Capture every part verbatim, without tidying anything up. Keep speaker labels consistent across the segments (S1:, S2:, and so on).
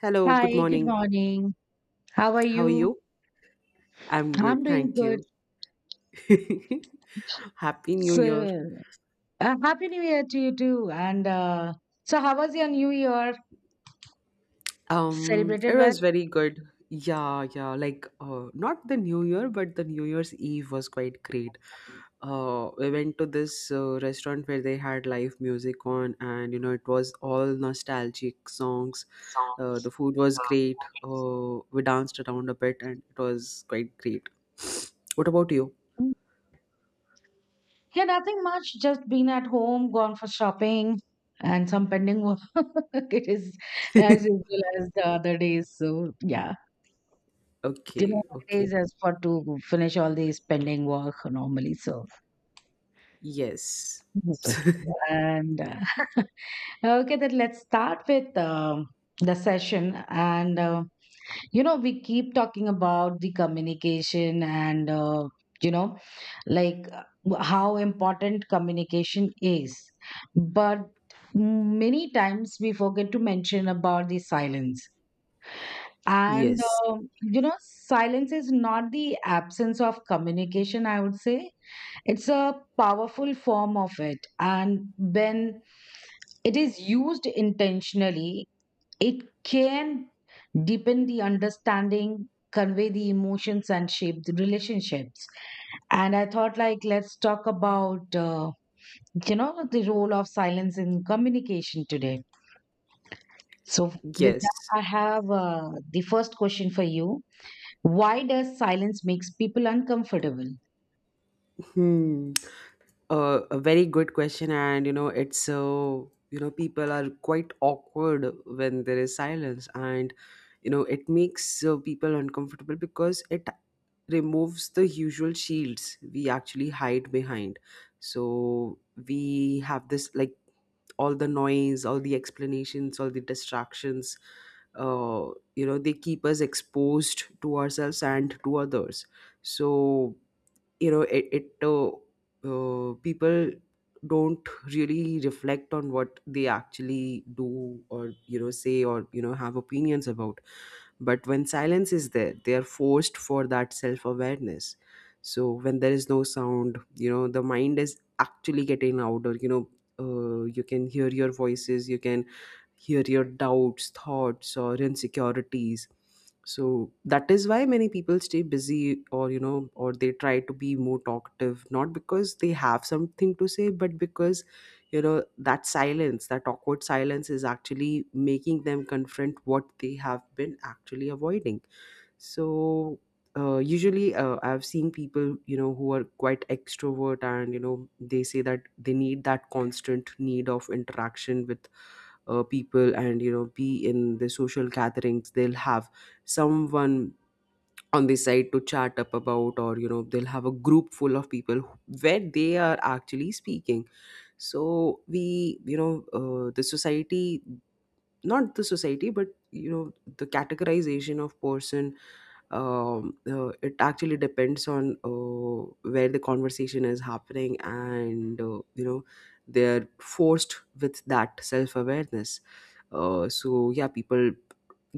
S1: Hello, good
S2: Hi, good
S1: morning.
S2: morning. How are
S1: How are
S2: you?
S1: you? I'm
S2: I'm
S1: good,
S2: doing
S1: thank
S2: good.
S1: you. Happy New Year.
S2: So, uh, happy New Year to you too. And uh, so, how was your New Year?
S1: Um, it
S2: Celebrated well?
S1: was very good. Yeah, yeah, like uh, not the New Year, but the New Year's Eve was quite great. Uh, we went to this uh, restaurant where they had live music on, and you know, it was all nostalgic songs. Uh, the food was great. Uh, we danced around a bit, and it was quite great. What about you?
S2: Mm. Yeah, nothing much. Just been at home, gone for shopping, and some pending work. It is as usual as the other days. So, yeah, you know,
S1: Okay,
S2: it
S1: okay.
S2: is as for to finish all these pending work normally. So.
S1: Yes.
S2: Jesus. And uh, okay, then let's start with um, the session. And, uh, you know, we keep talking about the communication and, uh, you know, like uh, how important communication is. But many times we forget to mention about the silence. And,
S1: Yes.
S2: uh, you know, silence is not the absence of communication. I would say it's a powerful form of it, and when it is used intentionally, it can deepen the understanding, convey the emotions, and shape the relationships. And I thought, like, let's talk about, uh, you know, the role of silence in communication today. So, with
S1: Yes.
S2: that, I have uh, the first question for you. Why does silence makes people uncomfortable?
S1: Hmm. Uh, a very good question, and you know, it's so, you know, people are quite awkward when there is silence, and you know, it makes uh, people uncomfortable because it removes the usual shields we actually hide behind. So we have this, like, all the noise, all the explanations, all the distractions. uh, you know they keep us exposed to ourselves and to others, so you know it, it uh, uh, people don't really reflect on what they actually do, or you know say, or you know have opinions about. But when silence is there, they are forced for that self awareness. So when there is no sound, you know, the mind is actually getting louder. You know, uh, you can hear your voices, you can hear your doubts, thoughts, or insecurities. So that is why many people stay busy, or, you know, or they try to be more talkative, not because they have something to say, but because, you know, that silence, that awkward silence is actually making them confront what they have been actually avoiding. So uh, usually, uh, I've seen people, you know who are quite extrovert, and you know they say that they need that constant need of interaction with uh, people, and you know be in the social gatherings. They'll have someone on the side to chat up about, or you know they'll have a group full of people where they are actually speaking. So we, you know uh, the society, not the society, but you know the categorization of person. Um, uh, it actually depends on uh, where the conversation is happening, and uh, you know they're forced with that self-awareness. Uh, so, yeah, people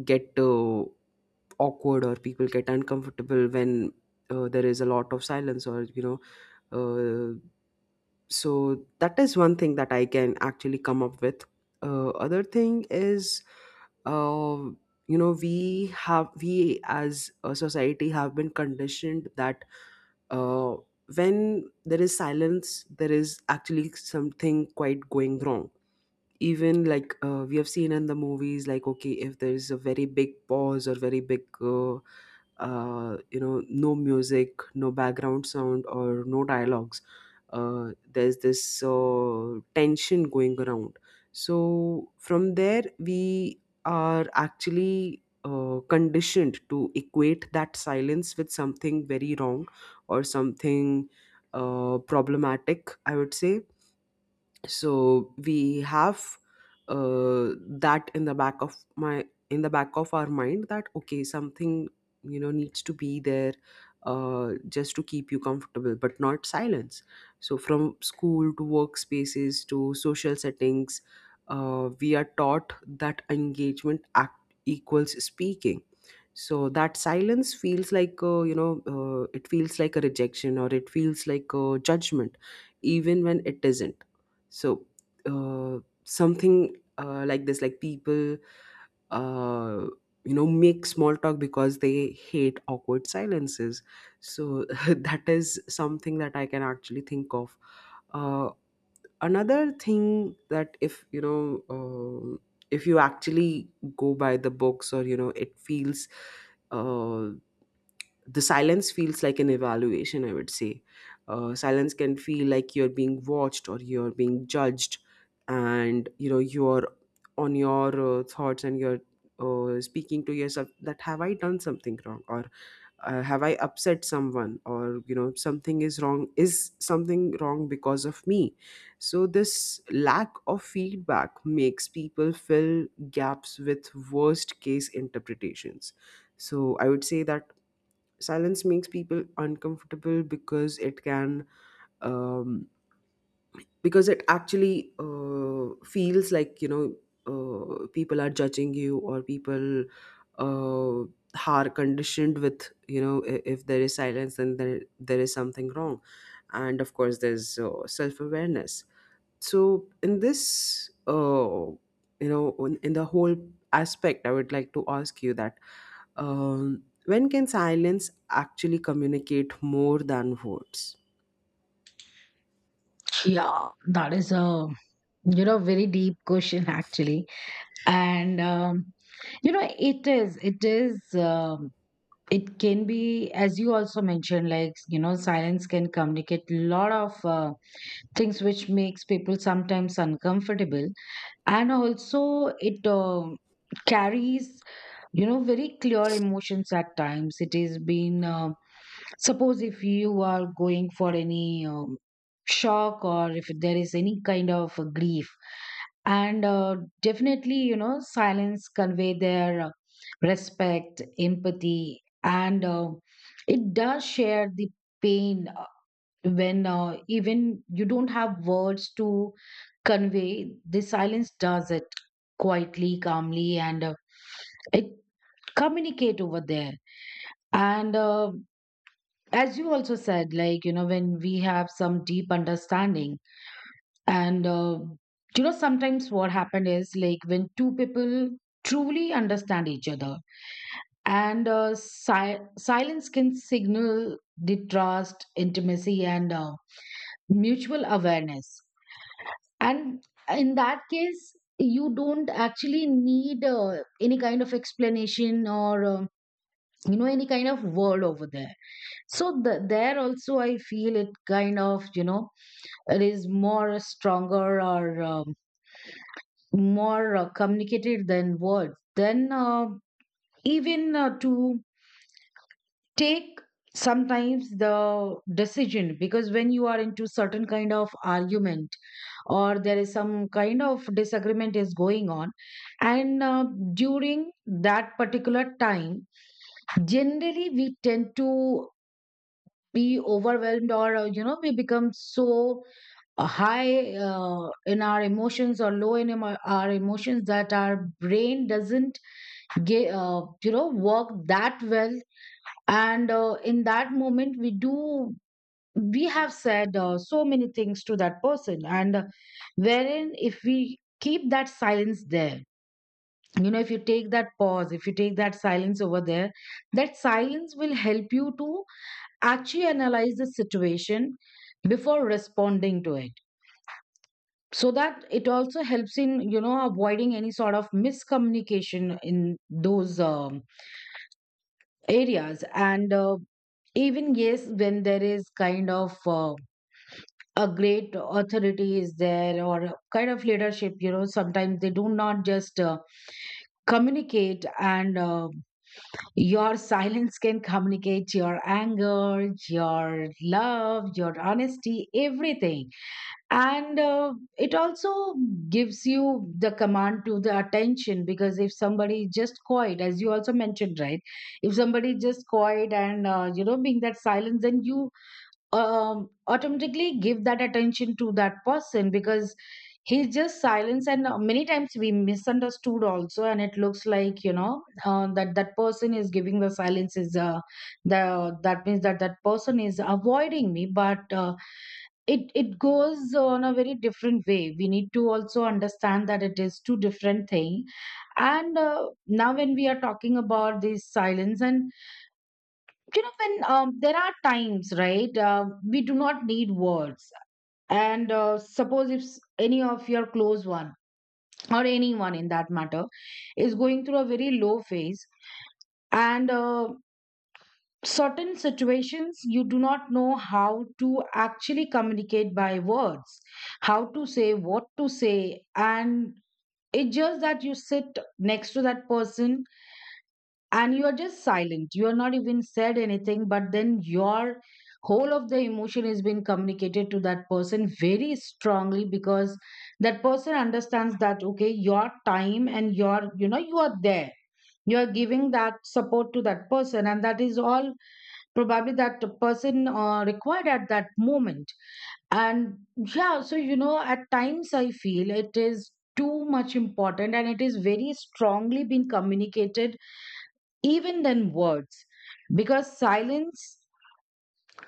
S1: get uh, awkward, or people get uncomfortable when uh, there is a lot of silence, or you know uh, so that is one thing that I can actually come up with. Uh, other thing is, uh, you know we have we as a society have been conditioned that uh, when there is silence there is actually something quite going wrong. Even, like, uh, we have seen in the movies, like, okay, if there is a very big pause, or very big uh, uh, you know no music, no background sound, or no dialogues. Uh, there's this uh, tension going around. So from there we are actually uh, conditioned to equate that silence with something very wrong, or something uh, problematic, I would say. So we have, uh, that in the back of my in the back of our mind, that okay, something you know needs to be there, uh, just to keep you comfortable, but not silence. So from school to workspaces to social settings, uh, we are taught that engagement act equals speaking. So that silence feels like uh, you know uh, it feels like a rejection, or it feels like a judgment, even when it isn't. So uh, something, uh, like this, like, people, uh, you know make small talk because they hate awkward silences. So that is something that I can actually think of. uh, Another thing, that, if you know um if you actually go by the books, or you know it feels, uh, the silence feels like an evaluation, I would say. Uh, silence can feel like you're being watched, or you're being judged, and you know you're on your uh, thoughts, and you're uh, speaking to yourself, that have I done something wrong, or uh, have I upset someone, or you know something is wrong, is something wrong because of me? So this lack of feedback makes people fill gaps with worst case interpretations. So I would say that silence makes people uncomfortable because it can, um, because it actually uh, feels like, you know uh, people are judging you, or people uh, are conditioned with, you know i- if there is silence, then there, there is something wrong. And of course there's uh, self-awareness. So in this uh, you know in in the whole aspect, I would like to ask you that, um, when can silence actually communicate more than words?
S2: Yeah, that is a You know, very deep question actually, and um, you know, it is, it is, um, it can be, as you also mentioned, like you know, silence can communicate a lot of uh, things which makes people sometimes uncomfortable, and also it um carries, you know very clear emotions. At times it has been, uh, suppose if you are going for any um, shock, or if there is any kind of uh, grief, and uh, definitely, you know silence convey their uh, respect, empathy, and uh, it does share the pain, uh, when uh, even you don't have words to convey, the silence does it quietly, calmly, and uh, it communicate over there. And uh, as you also said, like you know when we have some deep understanding, and uh, you know sometimes what happened is, like when two people truly understand each other, and uh, si- silence can signal the trust, intimacy, and uh, mutual awareness. And in that case, you don't actually need uh, any kind of explanation or um you know any kind of word over there. So the, there also I feel, it kind of, you know it is more stronger, or um, more uh, communicated than words. Then uh, even uh, to take sometimes the decision, because when you are into certain kind of argument, or there is some kind of disagreement is going on, and uh, during that particular time, generally we tend to be overwhelmed, or uh, you know we become so uh, high uh, in our emotions or low in emo- our emotions, that our brain doesn't get, uh, you know work that well. And uh, in that moment, we do we have said uh, so many things to that person. And uh, wherein, if we keep that silence there, you know if you take that pause, if you take that silence over there, that silence will help you to actually analyze the situation before responding to it. So that, it also helps in, you know avoiding any sort of miscommunication in those um, areas. And uh, even yes, when there is kind of, uh, a great authority is there, or a kind of leadership, you know sometimes they do not just uh, communicate, and uh, your silence can communicate your anger, your love, your honesty, everything. And uh, it also gives you the command to the attention, because if somebody is just quiet, as you also mentioned, right? If somebody is just quiet, and uh, you know being that silence, then you um, automatically give that attention to that person, because he's just silence. And uh, many times we misunderstood also, and it looks like, you know uh, that that person is giving the silence, is uh, the that means that that person is avoiding me, but uh, it it goes on a very different way. We need to also understand that it is two different thing. And uh, now, when we are talking about this silence, and you know when um, there are times, right? Uh, we do not need words. And uh, suppose, if s- any of your close one, or anyone in that matter, is going through a very low phase, and uh, certain situations, you do not know how to actually communicate by words, how to say, what to say. And it's just that you sit next to that person, and you are just silent, you are not even said anything, but then your whole of the emotion is being communicated to that person very strongly, because that person understands that, okay, your time, and your, you know you are there, you are giving that support to that person, and that is all, probably, that the person uh, required at that moment. And yeah, so you know at times I feel it is too much important, and it is very strongly been communicated, even than words. Because silence,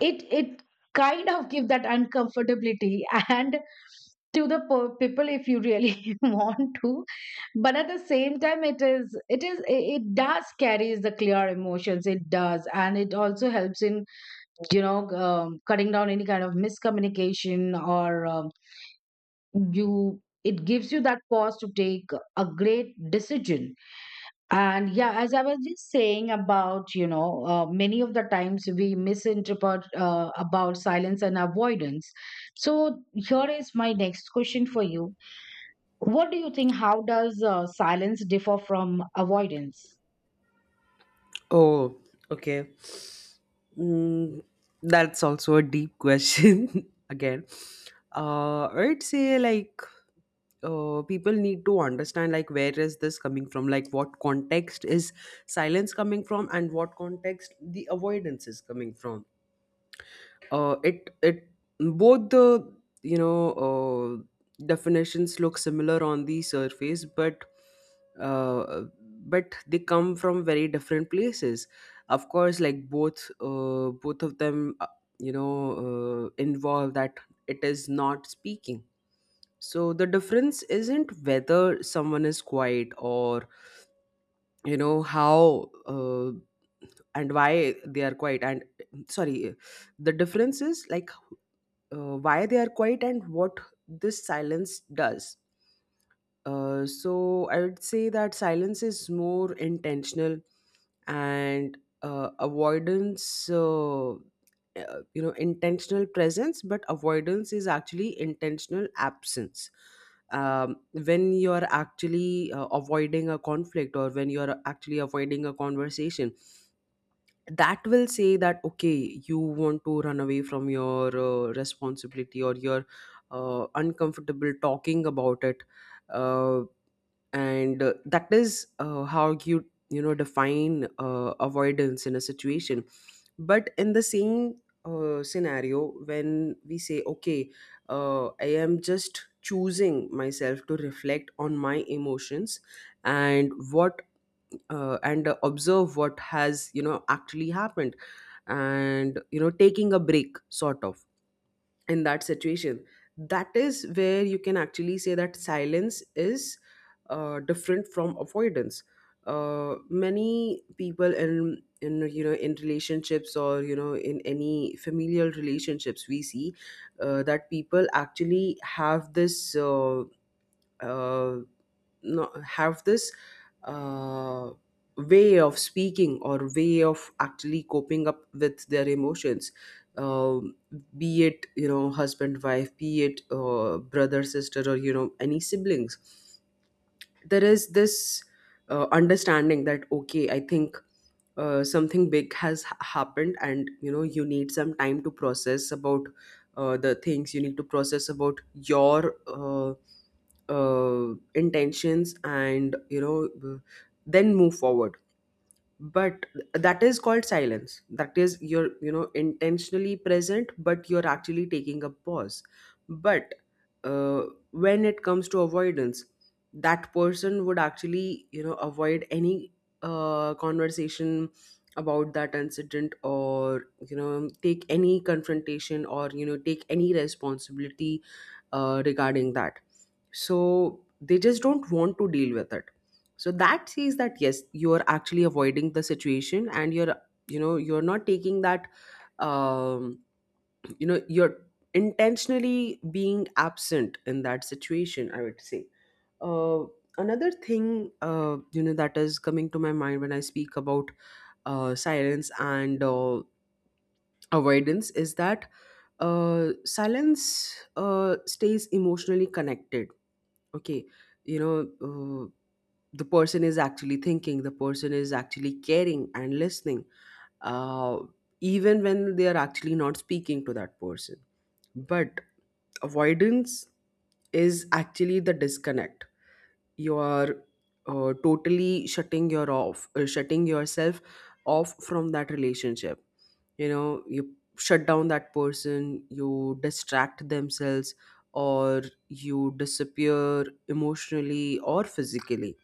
S2: it it kind of give that uncomfortability and to the po- people, if you really want to. But at the same time, it is it is it it does carries the clear emotions, it does. And it also helps in, you know um, cutting down any kind of miscommunication, or um, you it gives you that pause to take a great decision. And yeah, as I was just saying about, you know uh, many of the times we misinterpret uh, about silence and avoidance. So here is my next question for you. What do you think, how does uh, silence differ from avoidance?
S1: Oh, okay. mm, that's also a deep question again. uh, I'd say, like, uh, people need to understand, like, where is this coming from, like, what context is silence coming from, and what context the avoidance is coming from. uh, it it, both the, you know uh, definitions look similar on the surface, but uh, but they come from very different places. Of course, like, both uh, both of them uh, you know uh, involve that it is not speaking. So the difference isn't whether someone is quiet, or you know how, uh, and why they are quiet. And sorry, the difference is like, uh, why they are quiet, and what this silence does. Uh, so I would say that silence is more intentional, and uh, avoidance, uh, uh, you know, intentional presence, but avoidance is actually intentional absence. Um, when you're actually uh, avoiding a conflict, or when you're actually avoiding a conversation, that will say that, okay, you want to run away from your uh, responsibility, or you're uh, uncomfortable talking about it. Uh, and uh, that is uh, how you, you know define uh, avoidance in a situation. But in the same uh, scenario, when we say, okay, uh, I am just choosing myself to reflect on my emotions and what, uh, and uh, observe what has you know actually happened, and you know taking a break, sort of, in that situation. That is where you can actually say that silence is uh, different from avoidance. Uh, many people, in in you know in relationships, or you know in any familial relationships, we see uh, that people actually have this uh, uh, no- have this uh, way of speaking, or way of actually coping up with their emotions. um, be it, you know husband, wife, be it, uh, brother, sister, or you know any siblings, there is this uh, understanding that, okay, I think uh, something big has ha- happened, and you know you need some time to process about uh, the things, you need to process about your uh, uh, intentions, and you know then move forward. But that is called silence. That is, you're, you know intentionally present, but you're actually taking a pause. But uh, when it comes to avoidance, that person would actually, you know avoid any uh, conversation about that incident, or you know take any confrontation, or you know take any responsibility uh, regarding that. So they just don't want to deal with it. So that says that yes, you're actually avoiding the situation, and you're you know you're not taking that, um you know you're intentionally being absent in that situation, I would say. uh Another thing, uh you know that is coming to my mind when I speak about uh silence and, uh, avoidance, is that uh silence uh stays emotionally connected. Okay, you know uh, the person is actually thinking, the person is actually caring and listening, uh, even when they are actually not speaking to that person. But avoidance is actually the disconnect. You are uh, totally shutting your off uh, shutting yourself off from that relationship. You know you shut down that person, you distract themselves, or you disappear emotionally or physically.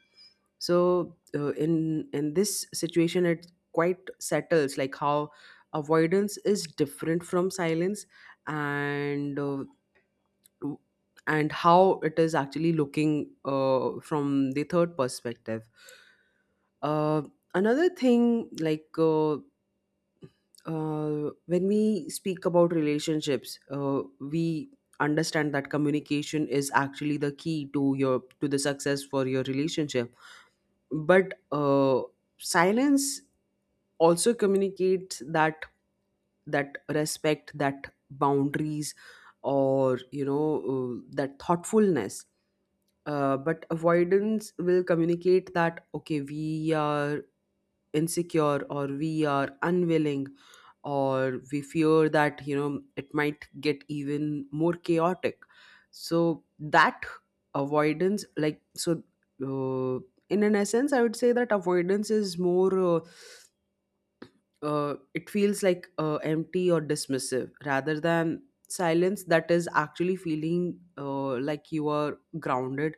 S1: So uh, in in this situation it quite settles, like, how avoidance is different from silence, and uh, and how it is actually looking, uh, from the third perspective. uh, Another thing, like, uh, uh, when we speak about relationships, uh, we understand that communication is actually the key to your to the success for your relationship. But uh, silence also communicates that that respect, that boundaries, or you know uh, that thoughtfulness. Uh, but avoidance will communicate that okay, we are insecure, or we are unwilling, or we fear that, you know, it might get even more chaotic. So that avoidance, like, so uh, in an essence, I would say that avoidance is more uh, uh, it feels like uh, empty or dismissive, rather than silence that is actually feeling uh, like you are grounded.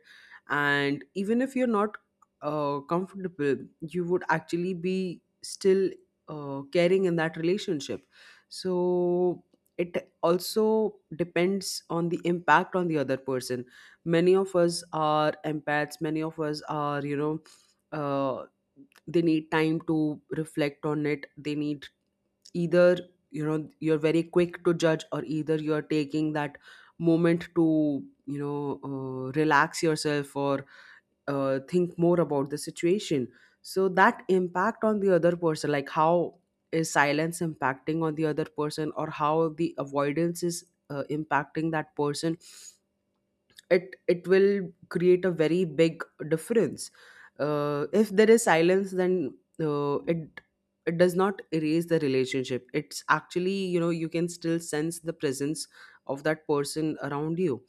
S1: And even if you're not uh, comfortable, you would actually be still uh, caring in that relationship. So it also depends on the impact on the other person. Many of us are empaths, many of us are, you know, uh, they need time to reflect on it. They need either, you know, you're very quick to judge, or either you're taking that moment to, you know, uh, relax yourself or uh, think more about the situation. So that impact on the other person, like, how is silence impacting on the other person, or how the avoidance is uh, impacting that person. It it will create a very big difference. Uh, if there is silence, then uh, it it does not erase the relationship. It's actually, you know, you can still sense the presence of that person around you.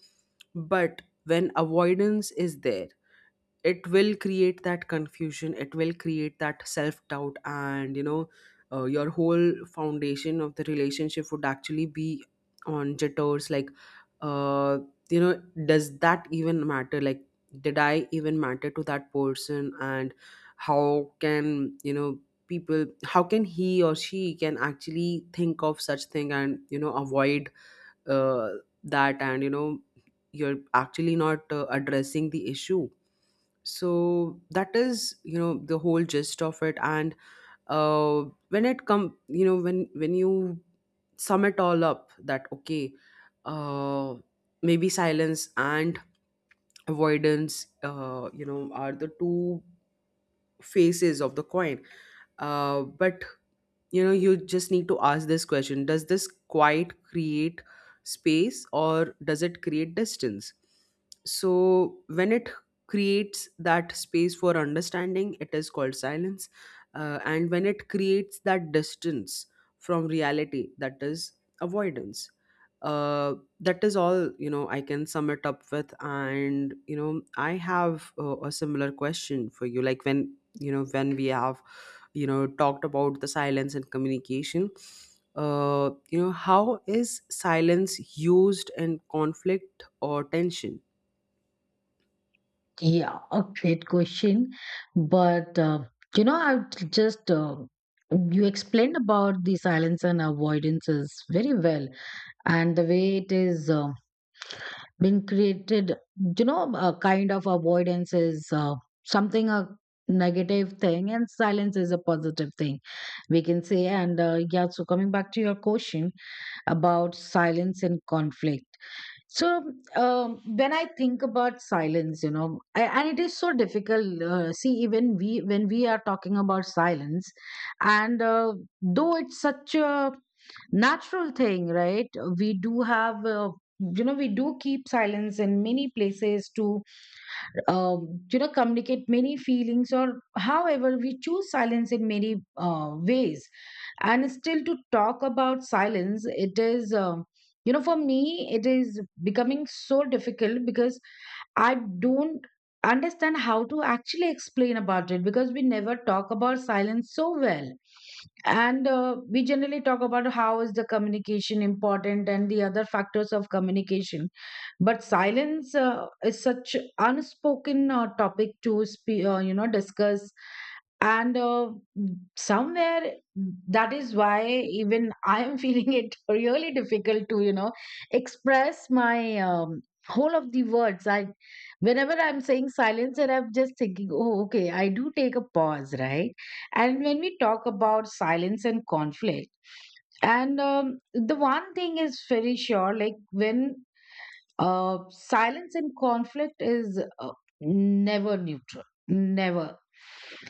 S1: But when avoidance is there, it will create that confusion, it will create that self doubt, and you know, uh, your whole foundation of the relationship would actually be on jitters, like, uh you know, does that even matter? Like, did I even matter to that person? And how can, you know, people, how can he or she can actually think of such thing, and you know, avoid uh, that. And you know, you're actually not uh, addressing the issue. So that is, you know, the whole gist of it. And uh, when it come, you know, when when you sum it all up, that okay, uh, maybe silence and avoidance, uh, you know, are the two faces of the coin. Uh, but you know, you just need to ask this question: does this quiet create space, or does it create distance? So when it creates that space for understanding, it is called silence. Uh, and when it creates that distance from reality, that is avoidance. uh, that is all, you know, I can sum it up with. And you know, I have uh, a similar question for you, like, when you know, when we have, you know, talked about the silence and communication, uh, you know, how is silence used in conflict or tension?
S2: Yeah, a great question. But, uh, you know, I would just, uh, you explained about the silence and avoidances very well, and the way it is uh, being created. You know, a kind of avoidance is uh, something, a negative thing, and silence is a positive thing, we can say. And uh, yeah, so, coming back to your question, about silence and conflict. So um, when I think about silence, you know, I, and it is so difficult. Uh, see, even we when we are talking about silence, and uh, though it's such a natural thing, right? We do have. Uh, you know we do keep silence in many places to, um, you know communicate many feelings, or however we choose silence in many uh, ways. And still, to talk about silence, it is um, you know for me, it is becoming so difficult, because I don't understand how to actually explain about it, because we never talk about silence so well. And uh, we generally talk about how is the communication important, and the other factors of communication. But silence uh, is such unspoken uh, topic to spe- uh, you know discuss. And uh, somewhere, that is why even I am feeling it really difficult to, you know express my um, whole of the words. I Whenever I'm saying silence, and I'm just thinking, oh okay, I do take a pause, right? And when we talk about silence and conflict, and um, the one thing is very sure, like when uh, silence and conflict is, uh, never neutral, never.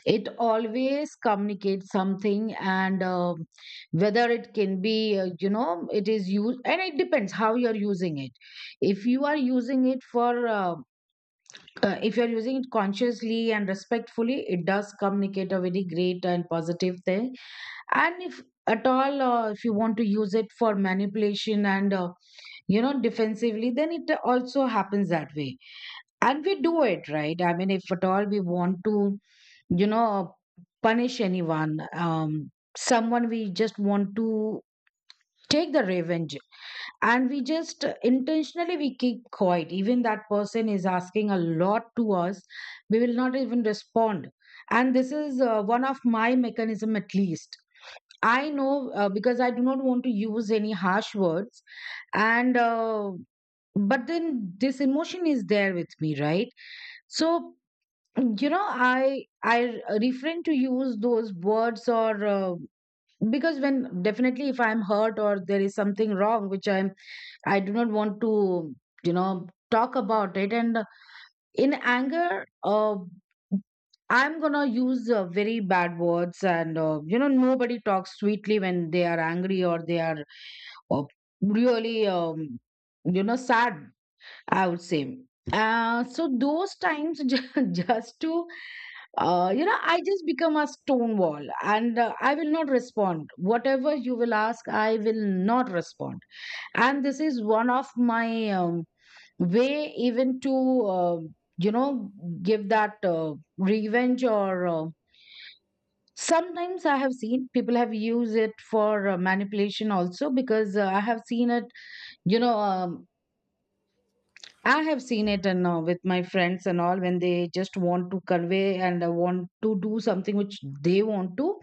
S2: It always communicates something. And um whether it can be, uh, you know it is used, and it depends how you are using it. If you are using it for uh, uh, if you are using it consciously and respectfully, it does communicate a very great and positive thing. And if at all, uh, if you want to use it for manipulation and, uh, you know defensively, then it also happens that way. And we do it, right? I mean, if at all, we want to, you know punish anyone um someone, we just want to take the revenge. And we just, uh, intentionally, we keep quiet. Even that person is asking a lot to us, we will not even respond. And this is uh, one of my mechanism, at least I know, uh, because I do not want to use any harsh words, and uh, but then, this emotion is there with me, right? So you know i i refrain to use those words, or uh, because, when, definitely, if I'm hurt, or there is something wrong, which i'm I do not want to, you know talk about it, and in anger, uh, I'm gonna use uh, very bad words. And uh, you know nobody talks sweetly when they are angry, or they are, uh, really, um, you know sad, I would say. uh, so those times, ju- just to uh, you know, I just become a stone wall, and uh, I will not respond. Whatever you will ask, I will not respond. And this is one of my um, way even to, uh, you know, give that uh, revenge or uh, sometimes I have seen people have used it for uh, manipulation also because uh, I have seen it, you know, um, I have seen it, and uh, with my friends and all when they just want to convey and uh, want to do something which they want to,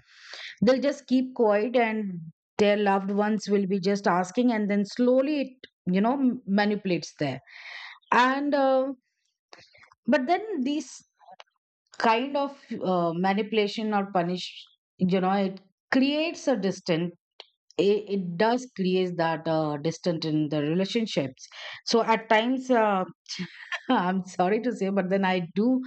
S2: they'll just keep quiet, and their loved ones will be just asking, and then slowly it you know m- manipulates there. And uh, But then these kind of uh, manipulation or punish you know it creates a distance. It, it does create that uh, distance in the relationships. So at times, uh, I'm sorry to say, but then I do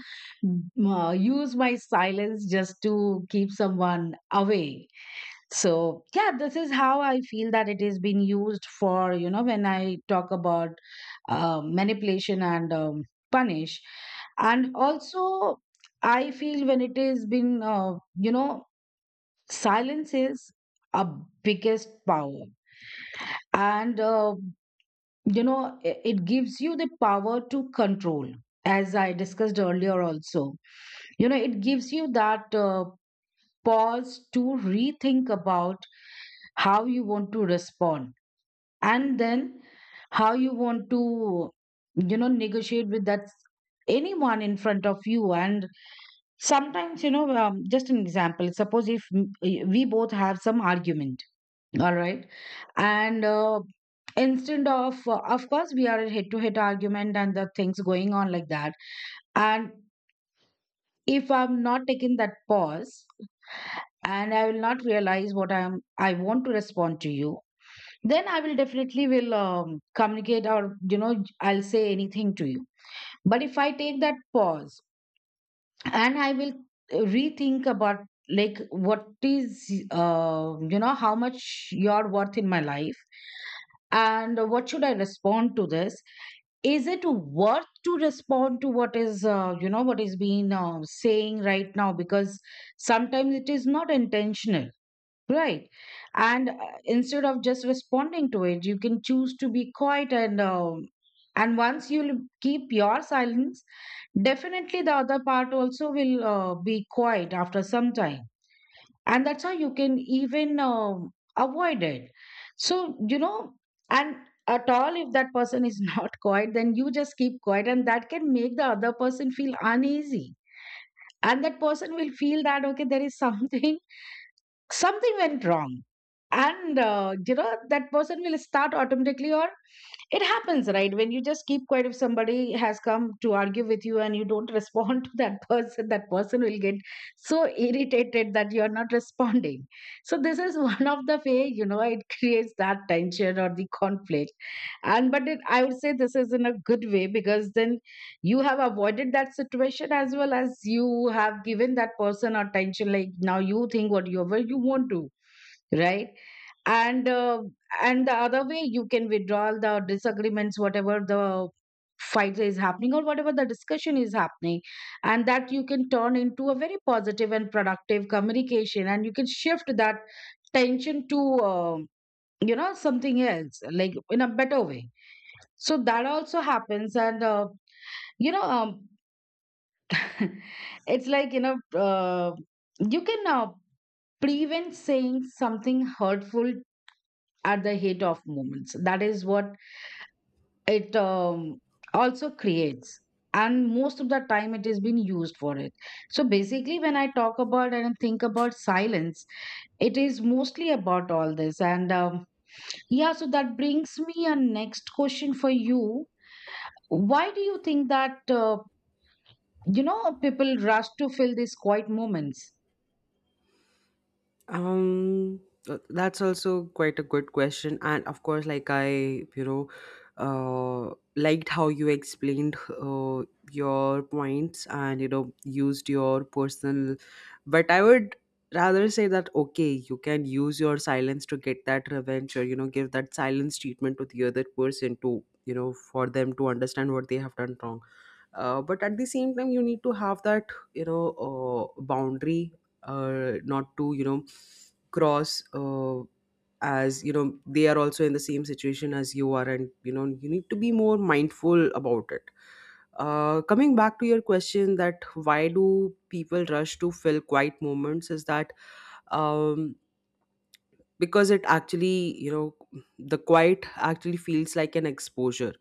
S2: mm, uh, use my silence just to keep someone away. So, yeah, this is how I feel that it is being used for, you know, when I talk about uh, manipulation and um, punish. And also, I feel when it is been, uh, you know, silence is a biggest power. And uh, you know i- it gives you the power to control, as I discussed earlier also. You know, it gives you that uh, pause to rethink about how you want to respond, and then how you want to, you know, negotiate with that anyone in front of you. And sometimes, you know, um, just an example, suppose if m- we both have some argument, all right. And uh, instead of, uh, of course, we are a head to head argument and the things going on like that. And if I'm not taking that pause, and I will not realize what I'm, I want to respond to you, then I will definitely will um, communicate or, you know, I'll say anything to you. But if I take that pause, and I will uh, rethink about, like, what is, uh, you know how much you're worth in my life, and what should I respond to this? Is it worth to respond to what is, uh, you know what is being uh, saying right now? Because sometimes it is not intentional. Right. And uh, instead of just responding to it, you can choose to be quiet. And um, and once you keep your silence, definitely the other part also will uh, be quiet after some time. And that's how you can even um avoid it. So, you know, and at all, if that person is not quiet, then you just keep quiet, and that can make the other person feel uneasy. And that person will feel that, okay, there is something, something went wrong. And uh, you know, that person will start automatically. Or it happens, right, when you just keep quiet. If somebody has come to argue with you and you don't respond to that person, that person will get so irritated that you are not responding. So this is one of the way, you know, it creates that tension or the conflict. And but it, i would say this is in a good way, because then you have avoided that situation, as well as you have given that person attention, like, now you think whatever you you want to. Right. And uh, and the other way, you can withdraw the disagreements, whatever the fight is happening or whatever the discussion is happening, and that you can turn into a very positive and productive communication. And you can shift that tension to, uh, you know something else, like, in a better way. So that also happens. And uh, you know um, it's like, you know, uh, you can, uh, prevent saying something hurtful at the heat of moments. That is what it um, also creates, and most of the time it has been used for it. So basically, when I talk about and think about silence, it is mostly about all this. And um, yeah, so that brings me a next question for you. Why do you think that uh, you know people rush to fill these quiet moments?
S1: Um, th- that's also quite a good question, and of course, like, I, you know, uh, liked how you explained uh, your points, and you know, used your personal, but I would rather say that okay, you can use your silence to get that revenge, or you know, give that silence treatment to the other person, to, you know, for them to understand what they have done wrong. Uh, but at the same time, you need to have that, you know, uh, boundary, uh, not to, you know, cross, uh, as you know, they are also in the same situation as you are, and you know, you need to be more mindful about it. Uh, coming back to your question, that why do people rush to fill quiet moments, is that um, because it actually, you know, the quiet actually feels like an exposure.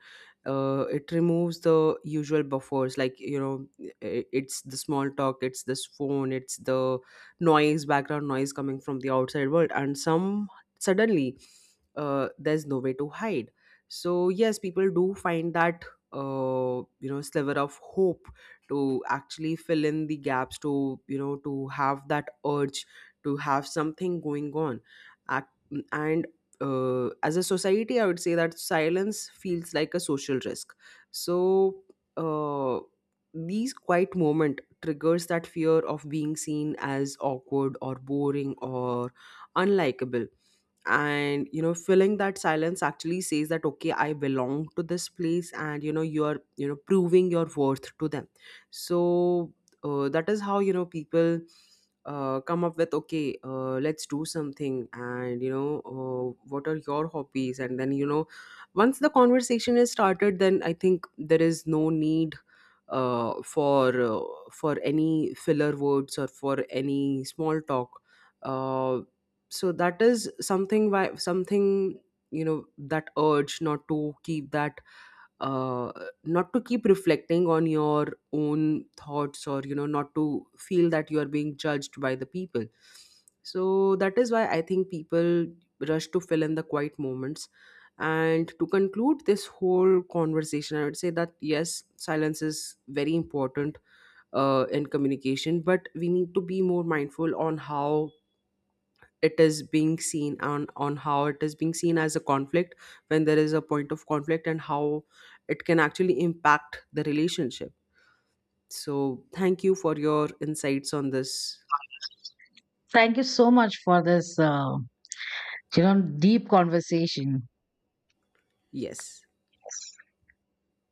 S1: uh, It removes the usual buffers, like, you know, i- it's the small talk, it's this phone, it's the noise, background noise coming from the outside world, and some, suddenly, uh, there's no way to hide. So yes, people do find that uh, you know, sliver of hope to actually fill in the gaps, to, you know, to have that urge to have something going on. Ac- and uh, As a society, I would say that silence feels like a social risk. So uh, these quiet moment triggers that fear of being seen as awkward or boring or unlikable. And you know, filling that silence actually says that okay, I belong to this place, and you know, you're, you know, proving your worth to them. So uh, that is how, you know, people uh, come up with okay, uh, let's do something, and you know, uh, what are your hobbies? And then, you know, once the conversation is started, then I think there is no need uh, for uh, for any filler words or for any small talk. uh, so that is something, why something, you know, that urge not to keep that uh, not to keep reflecting on your own thoughts, or you know, not to feel that you are being judged by the people. So that is why I think people rush to fill in the quiet moments. And to conclude this whole conversation, I would say that yes, silence is very important uh, in communication, but we need to be more mindful on how it is being seen, on on how it is being seen as a conflict, when there is a point of conflict, and how it can actually impact the relationship. So thank you for your insights on this.
S2: Thank you so much for this, uh, you know, deep conversation.
S1: Yes.